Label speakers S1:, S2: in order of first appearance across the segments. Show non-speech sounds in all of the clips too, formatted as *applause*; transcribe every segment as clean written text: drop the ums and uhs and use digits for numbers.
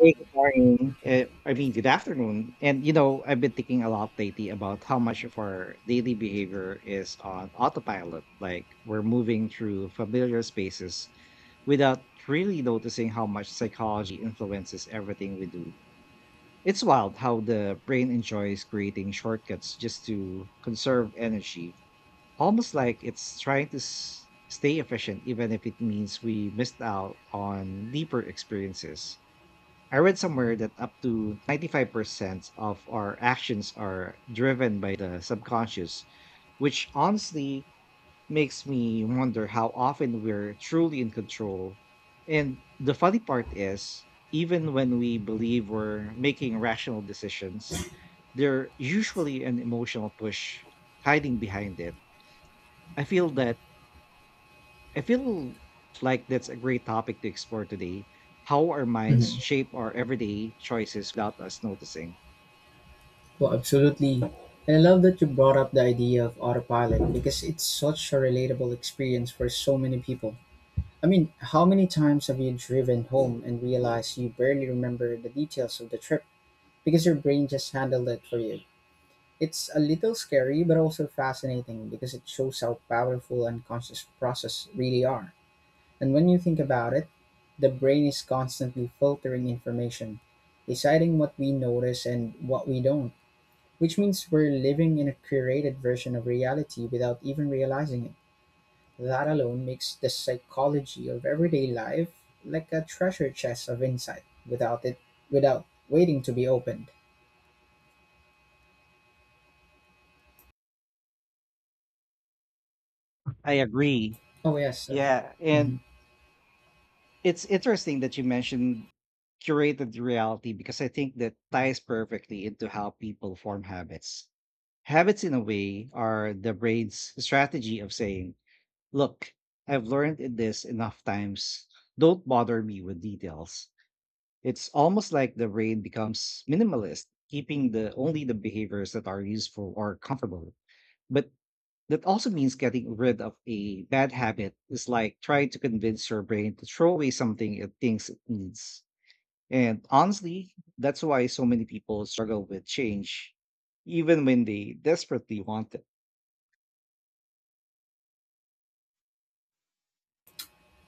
S1: Hey, good morning. I mean, good afternoon. And you know, I've been thinking a lot lately about how much of our daily behavior is on autopilot. Like we're moving through familiar spaces without really noticing how much psychology influences everything we do. It's wild how the brain enjoys creating shortcuts just to conserve energy, almost like it's trying to stay efficient, even if it means we missed out on deeper experiences. I read somewhere that up to 95% of our actions are driven by the subconscious, which honestly makes me wonder how often we're truly in control. And the funny part is, even when we believe we're making rational decisions, there's usually an emotional push hiding behind it. I feel that I feel like that's a great topic to explore today. How our minds
S2: Mhm.
S1: shape our everyday choices without us noticing.
S2: Well, absolutely. And I love that you brought up the idea of autopilot because it's such a relatable experience for so many people. I mean, how many times have you driven home and realized you barely remember the details of the trip because your brain just handled it for you? It's a little scary, but also fascinating because it shows how powerful unconscious process really are. And when you think about it, the brain is constantly filtering information, deciding what we notice and what we don't, which means we're living in a curated version of reality without even realizing it. That alone makes the psychology of everyday life like a treasure chest of insight without it without waiting to be opened.
S1: I agree.
S2: Oh yes.
S1: Yeah. And
S2: Mhm.
S1: it's interesting that you mentioned curated reality because I think that ties perfectly into how people form habits. Habits, in a way, are the brain's strategy of saying, look, I've learned in this enough times. Don't bother me with details. It's almost like the brain becomes minimalist, keeping the only the behaviors that are useful or comfortable. But that also means getting rid of a bad habit is like trying to convince your brain to throw away something it thinks it needs. And honestly, that's why so many people struggle with change, even when they desperately want it.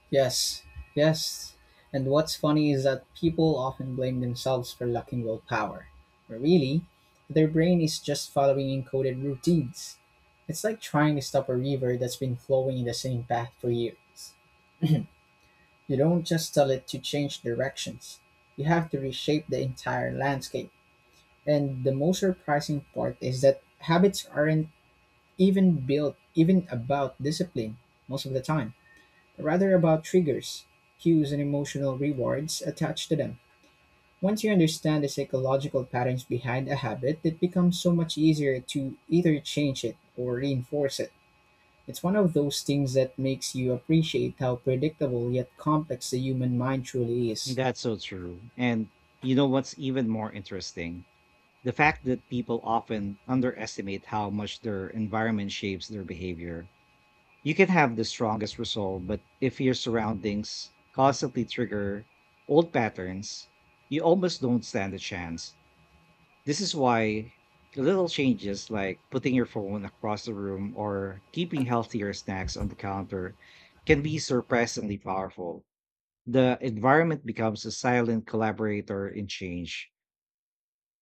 S2: Yes. Yes. And what's funny is that people often blame themselves for lacking willpower. But really, their brain is just following encoded routines. It's like trying to stop a river that's been flowing in the same path for years. You don't just tell it to change directions. You have to reshape the entire landscape. And the most surprising part is that habits aren't even built even about discipline most of the time, rather about triggers, cues, and emotional rewards attached to them. Once you understand the psychological patterns behind a habit, it becomes so much easier to either change it or reinforce it. It's one of those things that makes you appreciate how predictable yet complex the human mind truly is.
S1: That's so true. And you know what's even more interesting? The fact that people often underestimate how much their environment shapes their behavior. You can have the strongest resolve, but if your surroundings constantly trigger old patterns, you almost don't stand a chance. This is why little changes like putting your phone across the room or keeping healthier snacks on the counter can be surprisingly powerful. The environment becomes a silent collaborator in change,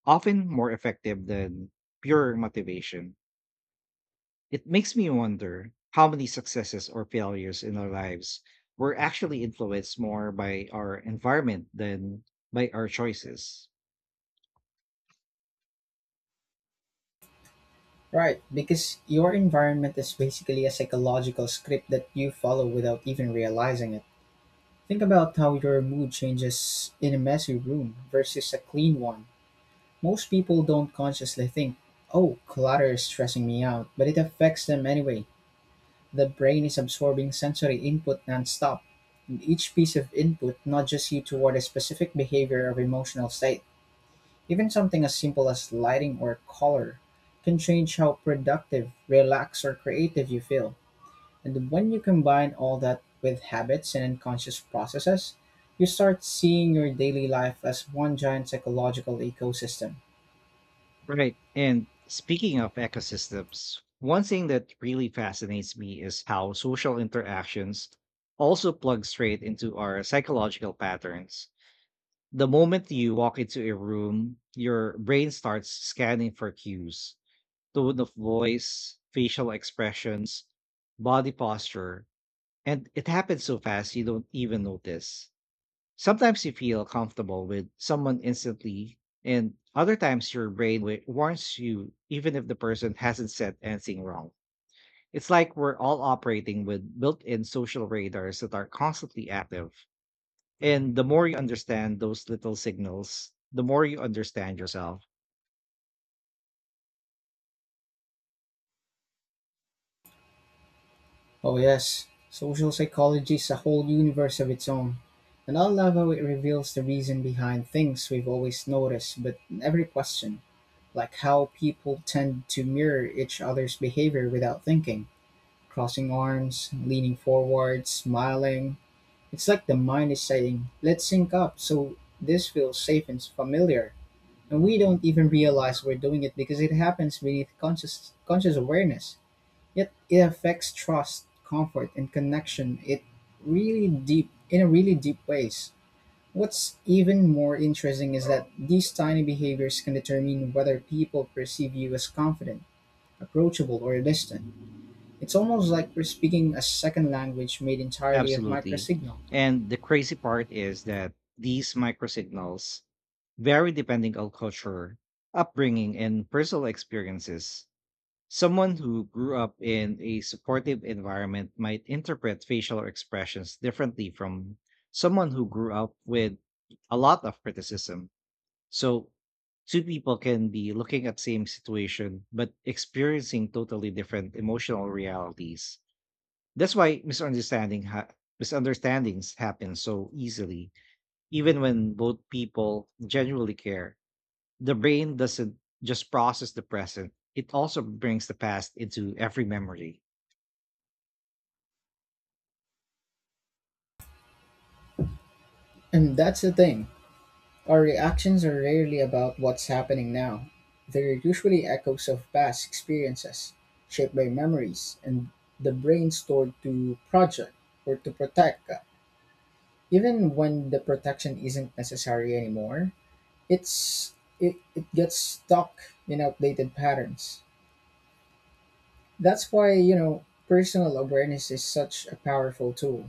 S1: often more effective than pure motivation. It makes me wonder how many successes or failures in our lives were actually influenced more by our environment than by our choices.
S2: Right, because your environment is basically a psychological script that you follow without even realizing it. Think about how your mood changes in a messy room versus a clean one. Most people don't consciously think, oh, clutter is stressing me out, but it affects them anyway. The brain is absorbing sensory input nonstop, and each piece of input nudges you toward a specific behavior or emotional state. Even something as simple as lighting or color can change how productive, relaxed, or creative you feel. And when you combine all that with habits and unconscious processes, you start seeing your daily life as one giant psychological ecosystem.
S1: Right. And speaking of ecosystems, one thing that really fascinates me is how social interactions also plug straight into our psychological patterns. The moment you walk into a room, your brain starts scanning for cues, tone of voice, facial expressions, body posture. And it happens so fast you don't even notice. Sometimes you feel comfortable with someone instantly, and other times your brain warns you even if the person *laughs* hasn't said anything wrong. It's like we're all operating with built in social radars that are constantly active. And the more you understand those little signals, the more you understand yourself.
S2: Oh, yes, social psychology is a whole universe of its own. And I love how it reveals the reason behind things we've always noticed but never questioned, like how people tend to mirror each other's behavior without thinking. Crossing arms, leaning forward, smiling. It's like the mind is saying, let's sync up so this feels safe and familiar. And we don't even realize we're doing it because it happens beneath conscious awareness. Yet it affects trust, comfort, and connection. It really deep in a really deep ways. What's even more interesting is that these tiny behaviors can determine whether people perceive you as confident, approachable, or distant. It's almost like we're speaking a second language made entirely of
S1: Absolutely.
S2: microsignal.
S1: And the crazy part is that these microsignals vary depending on culture, upbringing, and personal experiences. Someone who grew up in a supportive environment might interpret facial expressions differently from someone who grew up with a lot of criticism. So, two people can be looking at same situation but experiencing totally different emotional realities. That's why misunderstandings happen so easily, even when both people genuinely care. The brain doesn't just process the present; it also brings the past into every memory.
S2: And that's the thing. Our reactions are rarely about what's happening now. They're usually echoes of past experiences, shaped by memories and the brain stored to project or to protect. Even when the protection isn't necessary anymore, it's it gets stuck in outdated patterns. That's why, you know, personal awareness is such a powerful tool.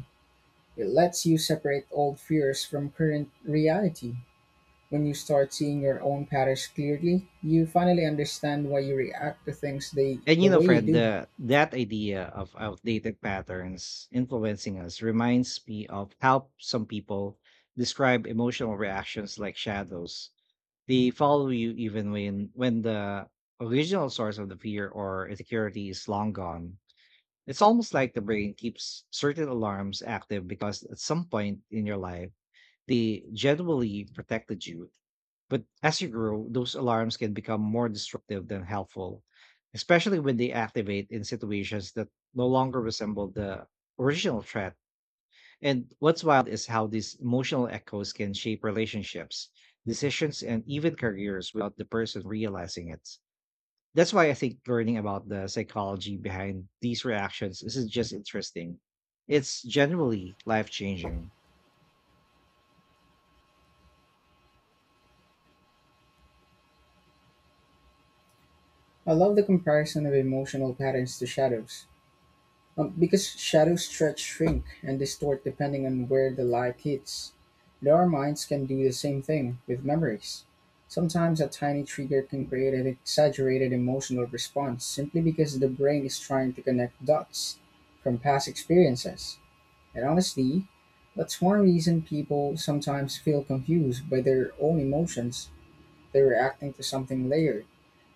S2: It lets you separate old fears from current reality. When you start seeing your own patterns clearly, you finally understand why you react to things the,
S1: And
S2: the
S1: you know,
S2: way you
S1: friend,
S2: do.
S1: the that idea of outdated patterns influencing us reminds me of how some people describe emotional reactions like shadows. They follow you even when the original source of the fear or insecurity is long gone. It's almost like the brain keeps certain alarms active because at some point in your life, they generally protected you. But as you grow, those alarms can become more destructive than helpful, especially when they activate in situations that no longer resemble the original threat. And what's wild is how these emotional echoes can shape relationships, decisions, and even careers without the person realizing it. That's why I think learning about the psychology behind these reactions isn't just interesting. It's generally life changing.
S2: I love the comparison of emotional patterns to shadows. Because shadows stretch, shrink, and distort depending on where the light hits. And our minds can do the same thing with memories. Sometimes a tiny trigger can create an exaggerated emotional response simply because the brain is trying to connect dots from past experiences. And honestly, that's one reason people sometimes feel confused by their own emotions. They're reacting to something layered,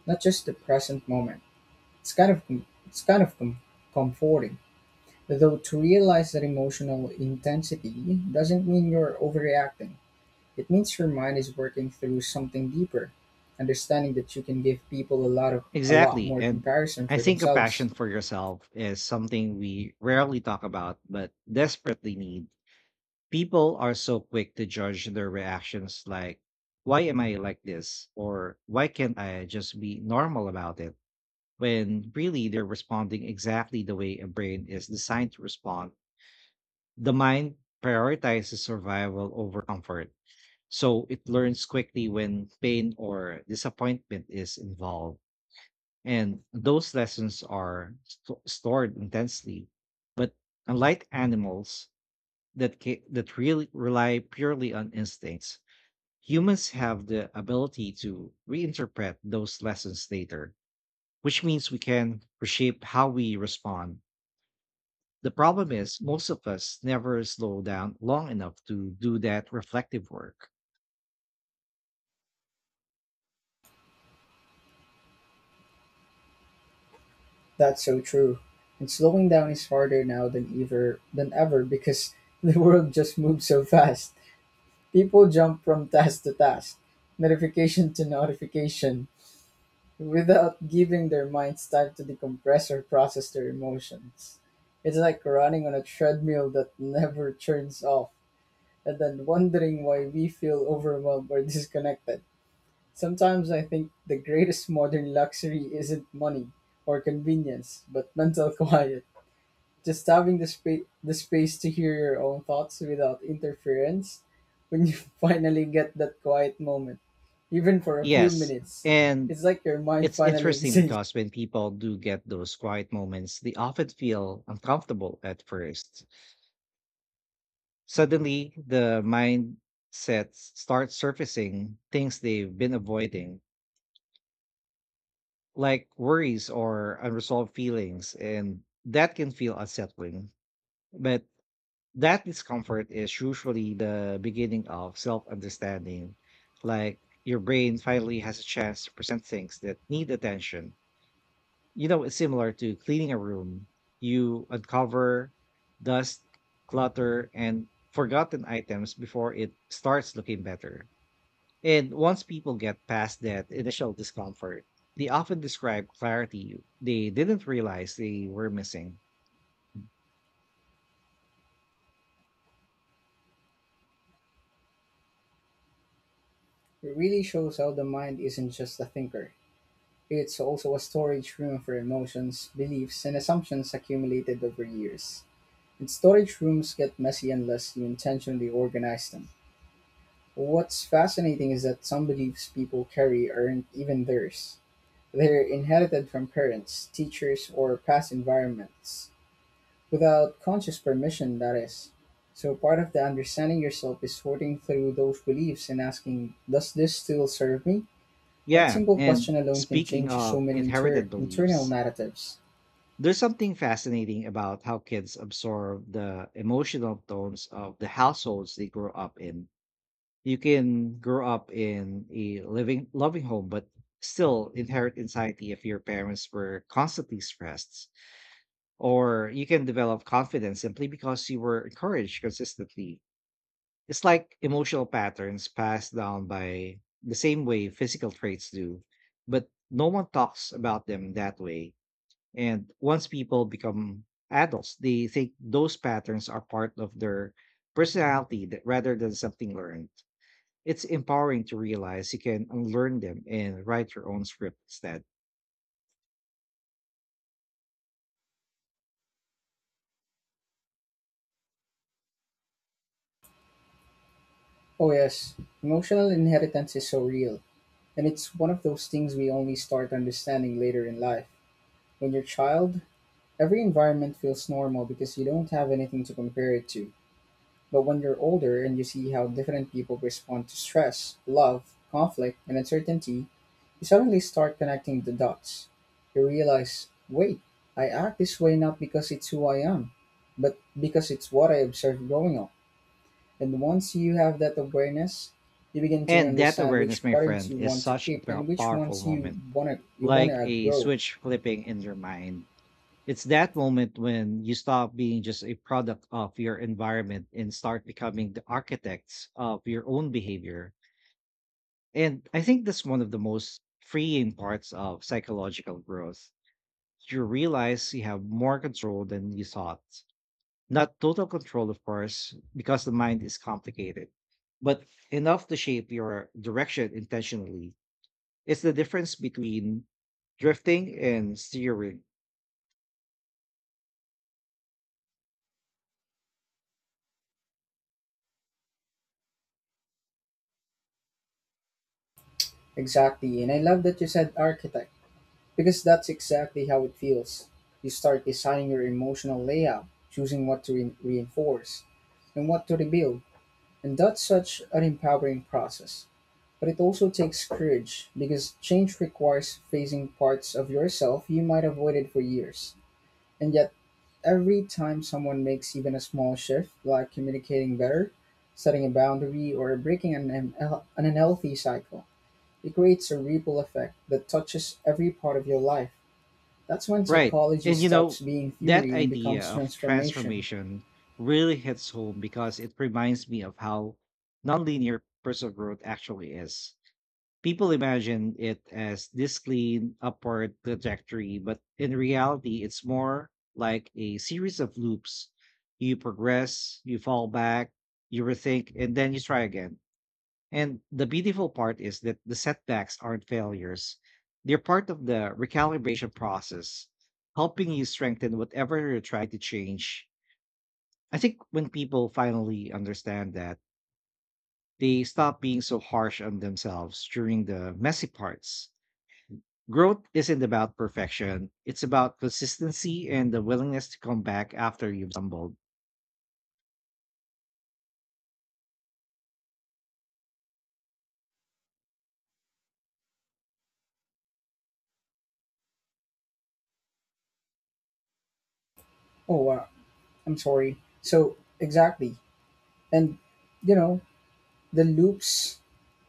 S2: not just the present moment. It's kind of com- it's kind of com- comforting, though, to realize that emotional intensity doesn't mean you're overreacting. It means your mind is working through something deeper, understanding that you can give people a lot
S1: Exactly.
S2: more
S1: And
S2: comparison
S1: I
S2: for
S1: think a
S2: themselves.
S1: passion for yourself is something we rarely talk about, but desperately need. People are so quick to judge their reactions like, why am I like this? Or why can't I just be normal about it? When really they're responding exactly the way a brain is designed to respond. The mind prioritizes survival over comfort, so it learns quickly when pain or disappointment is involved. And those lessons are stored intensely. But unlike animals that really rely purely on instincts, humans have the ability to reinterpret those lessons later, which means we can reshape how we respond. The problem is, most of us never slow down long enough to do that reflective work.
S2: That's so true. And slowing down is harder now than ever because *laughs* the world just moves so fast. People jump from task to task, notification to notification, without giving their minds time to decompress or process their emotions. It's like running on a treadmill that never turns off, and then wondering why we feel overwhelmed or disconnected. Sometimes I think the greatest modern luxury isn't money or convenience, but mental *laughs* quiet. Just having the space to hear your own thoughts without interference when you *laughs* finally get that quiet moment, even for a few
S1: Yes.
S2: minutes.
S1: And
S2: It's like your mind
S1: it's
S2: finally *laughs*
S1: interesting
S2: exists.
S1: because when people do get those quiet moments, they often feel uncomfortable at first. Suddenly, the mindset starts surfacing things they've been avoiding, like worries or unresolved feelings. And that can feel unsettling. But that discomfort is usually the beginning of self understanding, like your brain finally has a chance to present things that need attention. You know, it's similar to cleaning a room. You uncover dust, clutter, and forgotten items before it starts looking better. And once people get past that initial discomfort, they often describe clarity they didn't realize they were missing.
S2: It really shows how the mind isn't just a thinker. It's also a storage room for emotions, beliefs, and assumptions accumulated over years. And storage rooms get messy unless you intentionally organize them. What's fascinating is that some beliefs people carry aren't even theirs. They are inherited from parents, teachers, or past environments, without conscious permission, that is. So part of the understanding yourself is sorting through those beliefs and asking, does this still serve me? That
S1: Yeah.
S2: simple
S1: And
S2: question alone can
S1: speaking
S2: change so
S1: of
S2: many
S1: inherited
S2: internal
S1: beliefs,
S2: narratives.
S1: there's something fascinating about how kids absorb the emotional tones of the households they grow up in. You can grow up in a living, loving home, but still inherit anxiety if your parents were constantly stressed. Or you can develop confidence simply because you were encouraged consistently. It's like emotional patterns passed down by the same way physical traits do, but no one talks about them that way. And once people become adults, they think those patterns are part of their personality that, rather than something learned. It's empowering to realize you can unlearn them and write your own script instead.
S2: Oh, yes, emotional inheritance is so real, and it's one of those things we only start understanding later in life. When you're a child, every environment feels normal because you don't have anything to compare it to. But when you're older and you see how different people respond to stress, love, conflict, and uncertainty, you suddenly start connecting the dots. You realize, wait, I act this way not because it's who I am, but because it's what I observed growing up. And once you have that awareness, you begin to
S1: And that
S2: understand which
S1: awareness, my
S2: patterns
S1: friend,
S2: you
S1: is
S2: want to
S1: such a
S2: keep and which
S1: powerful
S2: ones
S1: moment,
S2: you
S1: like
S2: wanna
S1: a
S2: grow.
S1: switch flipping in your mind. It's that moment when you stop being just a product of your environment and start becoming the architects of your own behavior. And I think that's one of the most freeing parts of psychological growth. You realize you have more control than you thought. Not total control, of course, because the mind is complicated, but enough to shape your direction intentionally. It's the difference between drifting and steering.
S2: Exactly. And I love that you said architect, because that's exactly how it feels. You start designing your emotional layout, choosing what to reinforce and what to rebuild. And that's such an empowering process. But it also takes courage because change requires facing parts of yourself you might have avoided for years. And yet, every time someone makes even a small shift, like communicating better, setting a boundary, or an unhealthy cycle, it creates a ripple effect that touches every part of your life. That's when
S1: Right.
S2: psychology
S1: And you
S2: stops
S1: know,
S2: being
S1: that
S2: theory and
S1: idea
S2: becomes
S1: of
S2: transformation.
S1: transformation really hits home because it reminds me of how nonlinear personal growth actually is. People imagine it as this clean upward trajectory, but in reality, it's more like a series of loops. You progress, you fall back, you rethink, and then you try again. And the beautiful part is that the setbacks aren't failures, they're part of the recalibration process, helping you strengthen whatever you're trying to change. I think when people finally understand that, they stop being so harsh on themselves during the messy parts. Growth isn't about perfection, it's about consistency and the willingness to come back after you've stumbled.
S2: Oh, wow. I'm sorry. So, exactly. And, you know, the loops,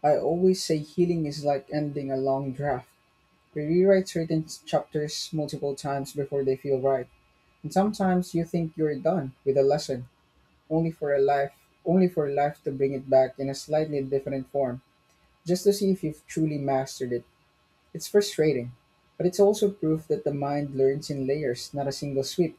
S2: I always say healing is like ending a long draft. We rewrite certain chapters multiple times before they feel right. And sometimes you think you're done with a lesson, only for a life, only for life to bring it back in a slightly different form, just to see if you've truly mastered it. It's frustrating, but it's also proof that the mind learns in layers, not a single sweep.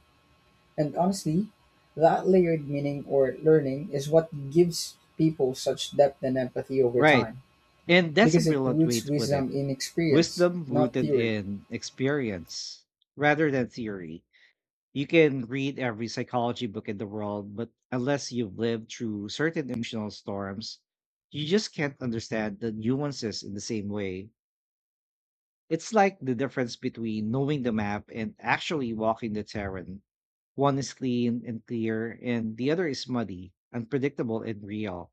S2: And honestly, that layered meaning or learning is what gives people such depth and empathy over
S1: Right.
S2: time,
S1: And that's a
S2: because it
S1: brilliant way
S2: roots
S1: to put it.
S2: wisdom in experience,
S1: Wisdom
S2: not
S1: rooted
S2: theory.
S1: in experience rather than theory. You can read every psychology book in the world, but unless you've lived through certain emotional storms, you just can't understand the nuances in the same way. It's like the difference between knowing the map and actually walking the terrain. One is clean and clear, and the other is muddy, unpredictable, and real.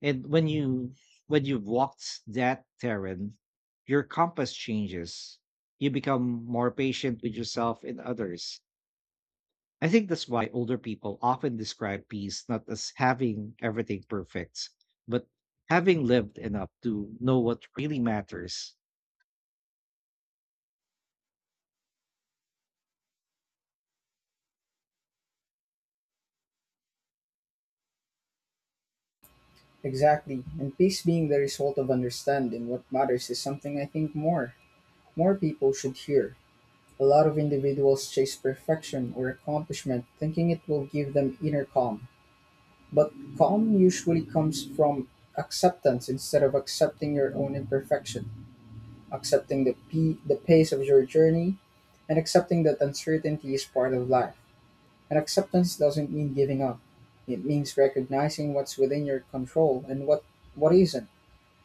S1: And when you've walked that terrain, your compass changes. You become more patient with yourself and others. I think that's why older people often describe peace not as having everything perfect, but having lived enough to know what really matters.
S2: Exactly, and peace being the result of understanding what matters is something I think more people should hear. A lot of individuals chase perfection or accomplishment, thinking it will give them inner calm. But calm usually comes from acceptance instead of accepting your own imperfection, accepting the pace of your journey, and accepting that uncertainty is part of life. And acceptance doesn't mean giving up. It means recognizing what's within your control and what isn't,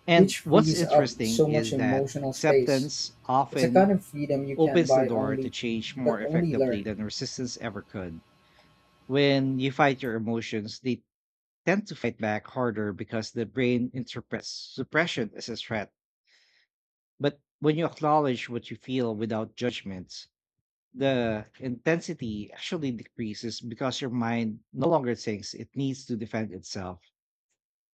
S1: And
S2: which
S1: what's
S2: frees up so
S1: interesting
S2: much
S1: is that
S2: emotional space.
S1: acceptance
S2: It's a kind
S1: often
S2: of freedom you can't
S1: opens the
S2: buy
S1: door to
S2: only,
S1: change
S2: but
S1: more
S2: only
S1: effectively
S2: learn.
S1: than resistance ever could. When you fight your emotions, they tend to fight back harder because the brain interprets suppression as a threat. But when you acknowledge what you feel without judgment, the intensity actually decreases because your mind no longer thinks it needs to defend itself.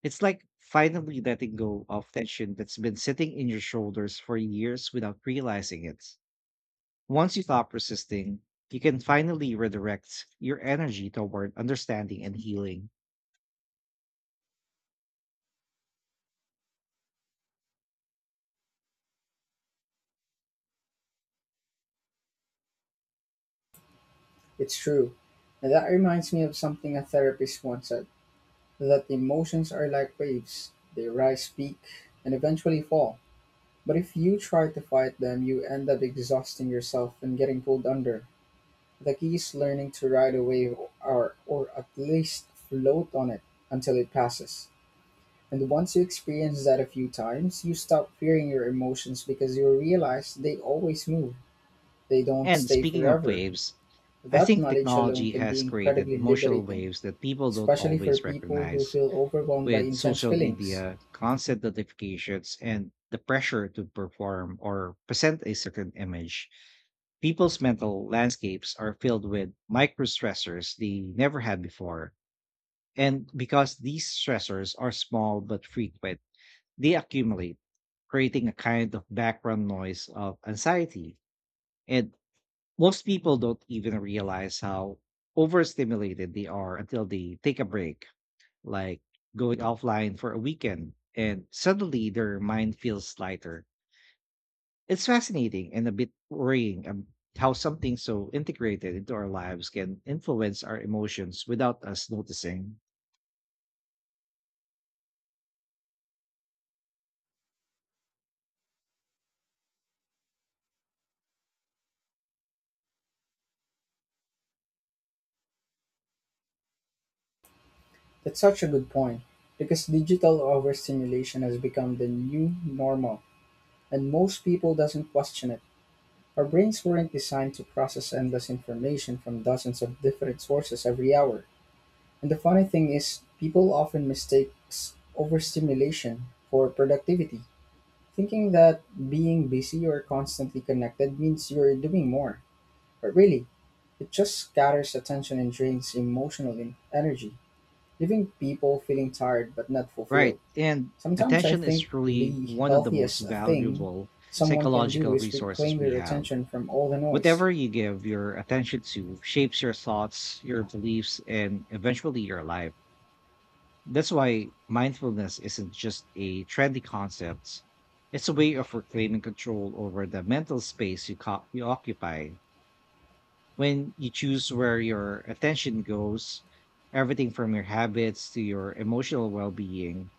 S1: It's like finally letting go of tension that's been sitting in your shoulders for years without realizing it. Once you stop resisting, you can finally redirect your energy toward understanding and healing.
S2: It's true. And that reminds me of something a therapist once said, that emotions are like waves. They rise, peak, and eventually fall. But if you try to fight them, you end up exhausting yourself and getting pulled under. The key is learning to ride a wave or at least float on it until it passes. And once you experience that a few times, you stop fearing your emotions because you realize they always move. They don't
S1: And
S2: stay
S1: speaking of
S2: forever.
S1: waves, I
S2: That
S1: think
S2: knowledge alone
S1: technology
S2: can be
S1: has created
S2: incredibly
S1: emotional
S2: liberating,
S1: waves that people don't
S2: especially for
S1: always
S2: people who
S1: recognize.
S2: feel overwhelmed by
S1: With
S2: intense
S1: social
S2: feelings.
S1: media, constant notifications, and the pressure to perform or present a certain image, people's mental landscapes are filled with microstressors they never had before. And because these stressors are small but frequent, they accumulate, creating a kind of background noise of anxiety. And most people don't even realize how overstimulated they are until they take a break, like going offline for a weekend. And suddenly their mind feels lighter. It's fascinating and a bit worrying how something so integrated into our lives can influence our emotions without us noticing.
S2: That's such a good point because digital overstimulation has become the new normal and most people doesn't question it. Our brains weren't designed to process endless information from dozens of different sources every hour. And the funny thing is people often mistakes overstimulation for productivity, thinking that being busy or constantly connected means you're doing more. But really, it just scatters attention and drains emotional energy, leaving people feeling tired but not
S1: Right.
S2: fulfilled.
S1: And
S2: Sometimes I
S1: attention is
S2: think
S1: truly
S2: the
S1: one of the most
S2: healthiest thing
S1: valuable
S2: someone can do
S1: psychological
S2: is reclaim
S1: resources we
S2: their
S1: have.
S2: attention from all the noise.
S1: Whatever you give your attention to shapes your thoughts, your beliefs, and eventually your life. That's why mindfulness isn't just a trendy concept. It's a way of reclaiming control over the mental space you occupy. When you choose where your attention goes, everything from your habits to your emotional well being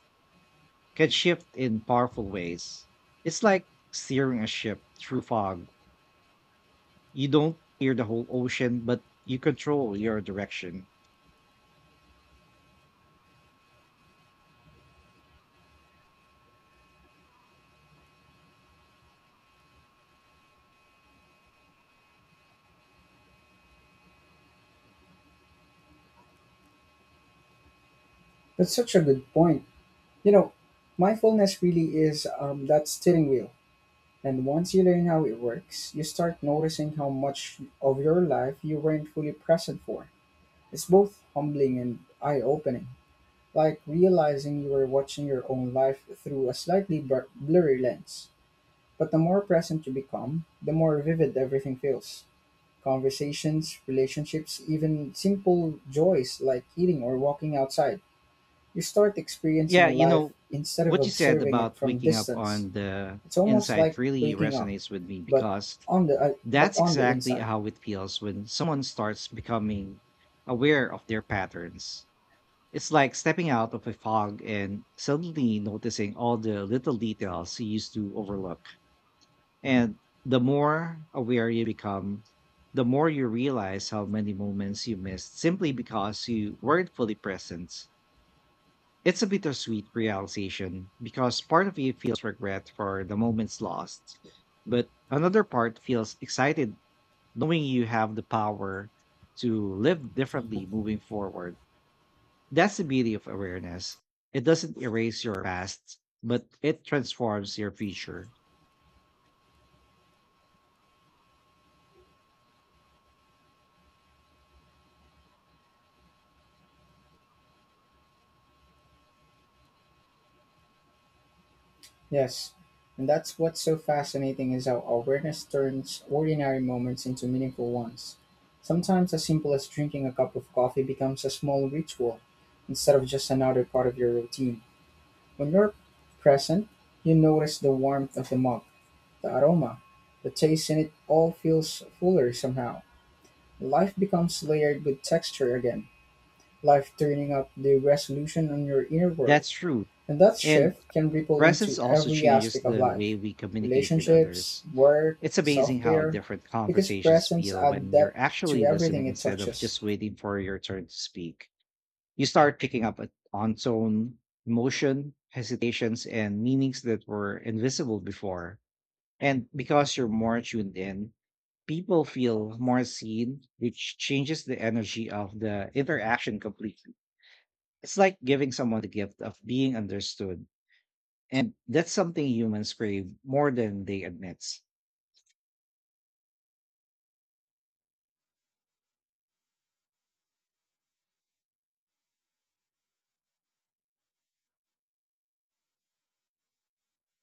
S1: can shift in powerful ways. It's like steering a ship through fog. You don't steer the whole ocean, but you control your direction.
S2: That's such a good point. You know, mindfulness really is that steering wheel. And once you learn how it works, you start noticing how much of your life you weren't fully present for. It's both humbling and eye opening, like realizing you were watching your own life through a slightly blurry lens. But the more present you become, the more vivid everything feels. Conversations, relationships, even simple joys like eating or walking outside. You start
S1: Yeah,
S2: experiencing
S1: you
S2: life
S1: know,
S2: instead of
S1: what you said
S2: observing it
S1: about
S2: from
S1: waking up
S2: distance.
S1: on the
S2: It's almost
S1: inside
S2: like
S1: really
S2: waking up,
S1: resonates with me
S2: but
S1: because
S2: on the uh, but
S1: that's
S2: on the
S1: exactly
S2: inside.
S1: how it feels when someone starts becoming aware of their patterns. It's like stepping out of a fog and suddenly noticing all the little details you used to overlook. And the more aware you become, the more you realize how many moments you missed simply because you weren't fully present. It's a bittersweet realization because part of you feels regret for the moments lost, but another part feels excited knowing you have the power to live differently moving forward. That's the beauty of awareness. It doesn't erase your past, but it transforms your future.
S2: Yes. And that's what's so fascinating is how awareness turns ordinary moments into meaningful ones. Sometimes as simple as drinking a cup of coffee becomes a small ritual instead of just another part of your routine. When you're present, you notice the warmth of the mug, the aroma, the taste in it all feels fuller somehow. Life becomes layered with texture again, life turning up the resolution on your inner world.
S1: That's true.
S2: And that
S1: And
S2: shift can ripple
S1: presence
S2: into
S1: also
S2: every
S1: changes
S2: aspect of
S1: the
S2: life
S1: way we communicate with
S2: relationships,
S1: others.
S2: work,
S1: It's
S2: self
S1: amazing how
S2: care,
S1: different
S2: because
S1: conversations
S2: presence
S1: feel
S2: adds
S1: when you're
S2: depth to
S1: actually
S2: everything
S1: listening
S2: it
S1: instead of
S2: touches.
S1: just waiting for your turn to speak. You start picking up on tone, emotion, hesitations, and meanings that were invisible before. And because you're more tuned in, people feel more seen, which changes the energy of the interaction completely. It's like giving someone the gift of being understood. And that's something humans crave more than they admit.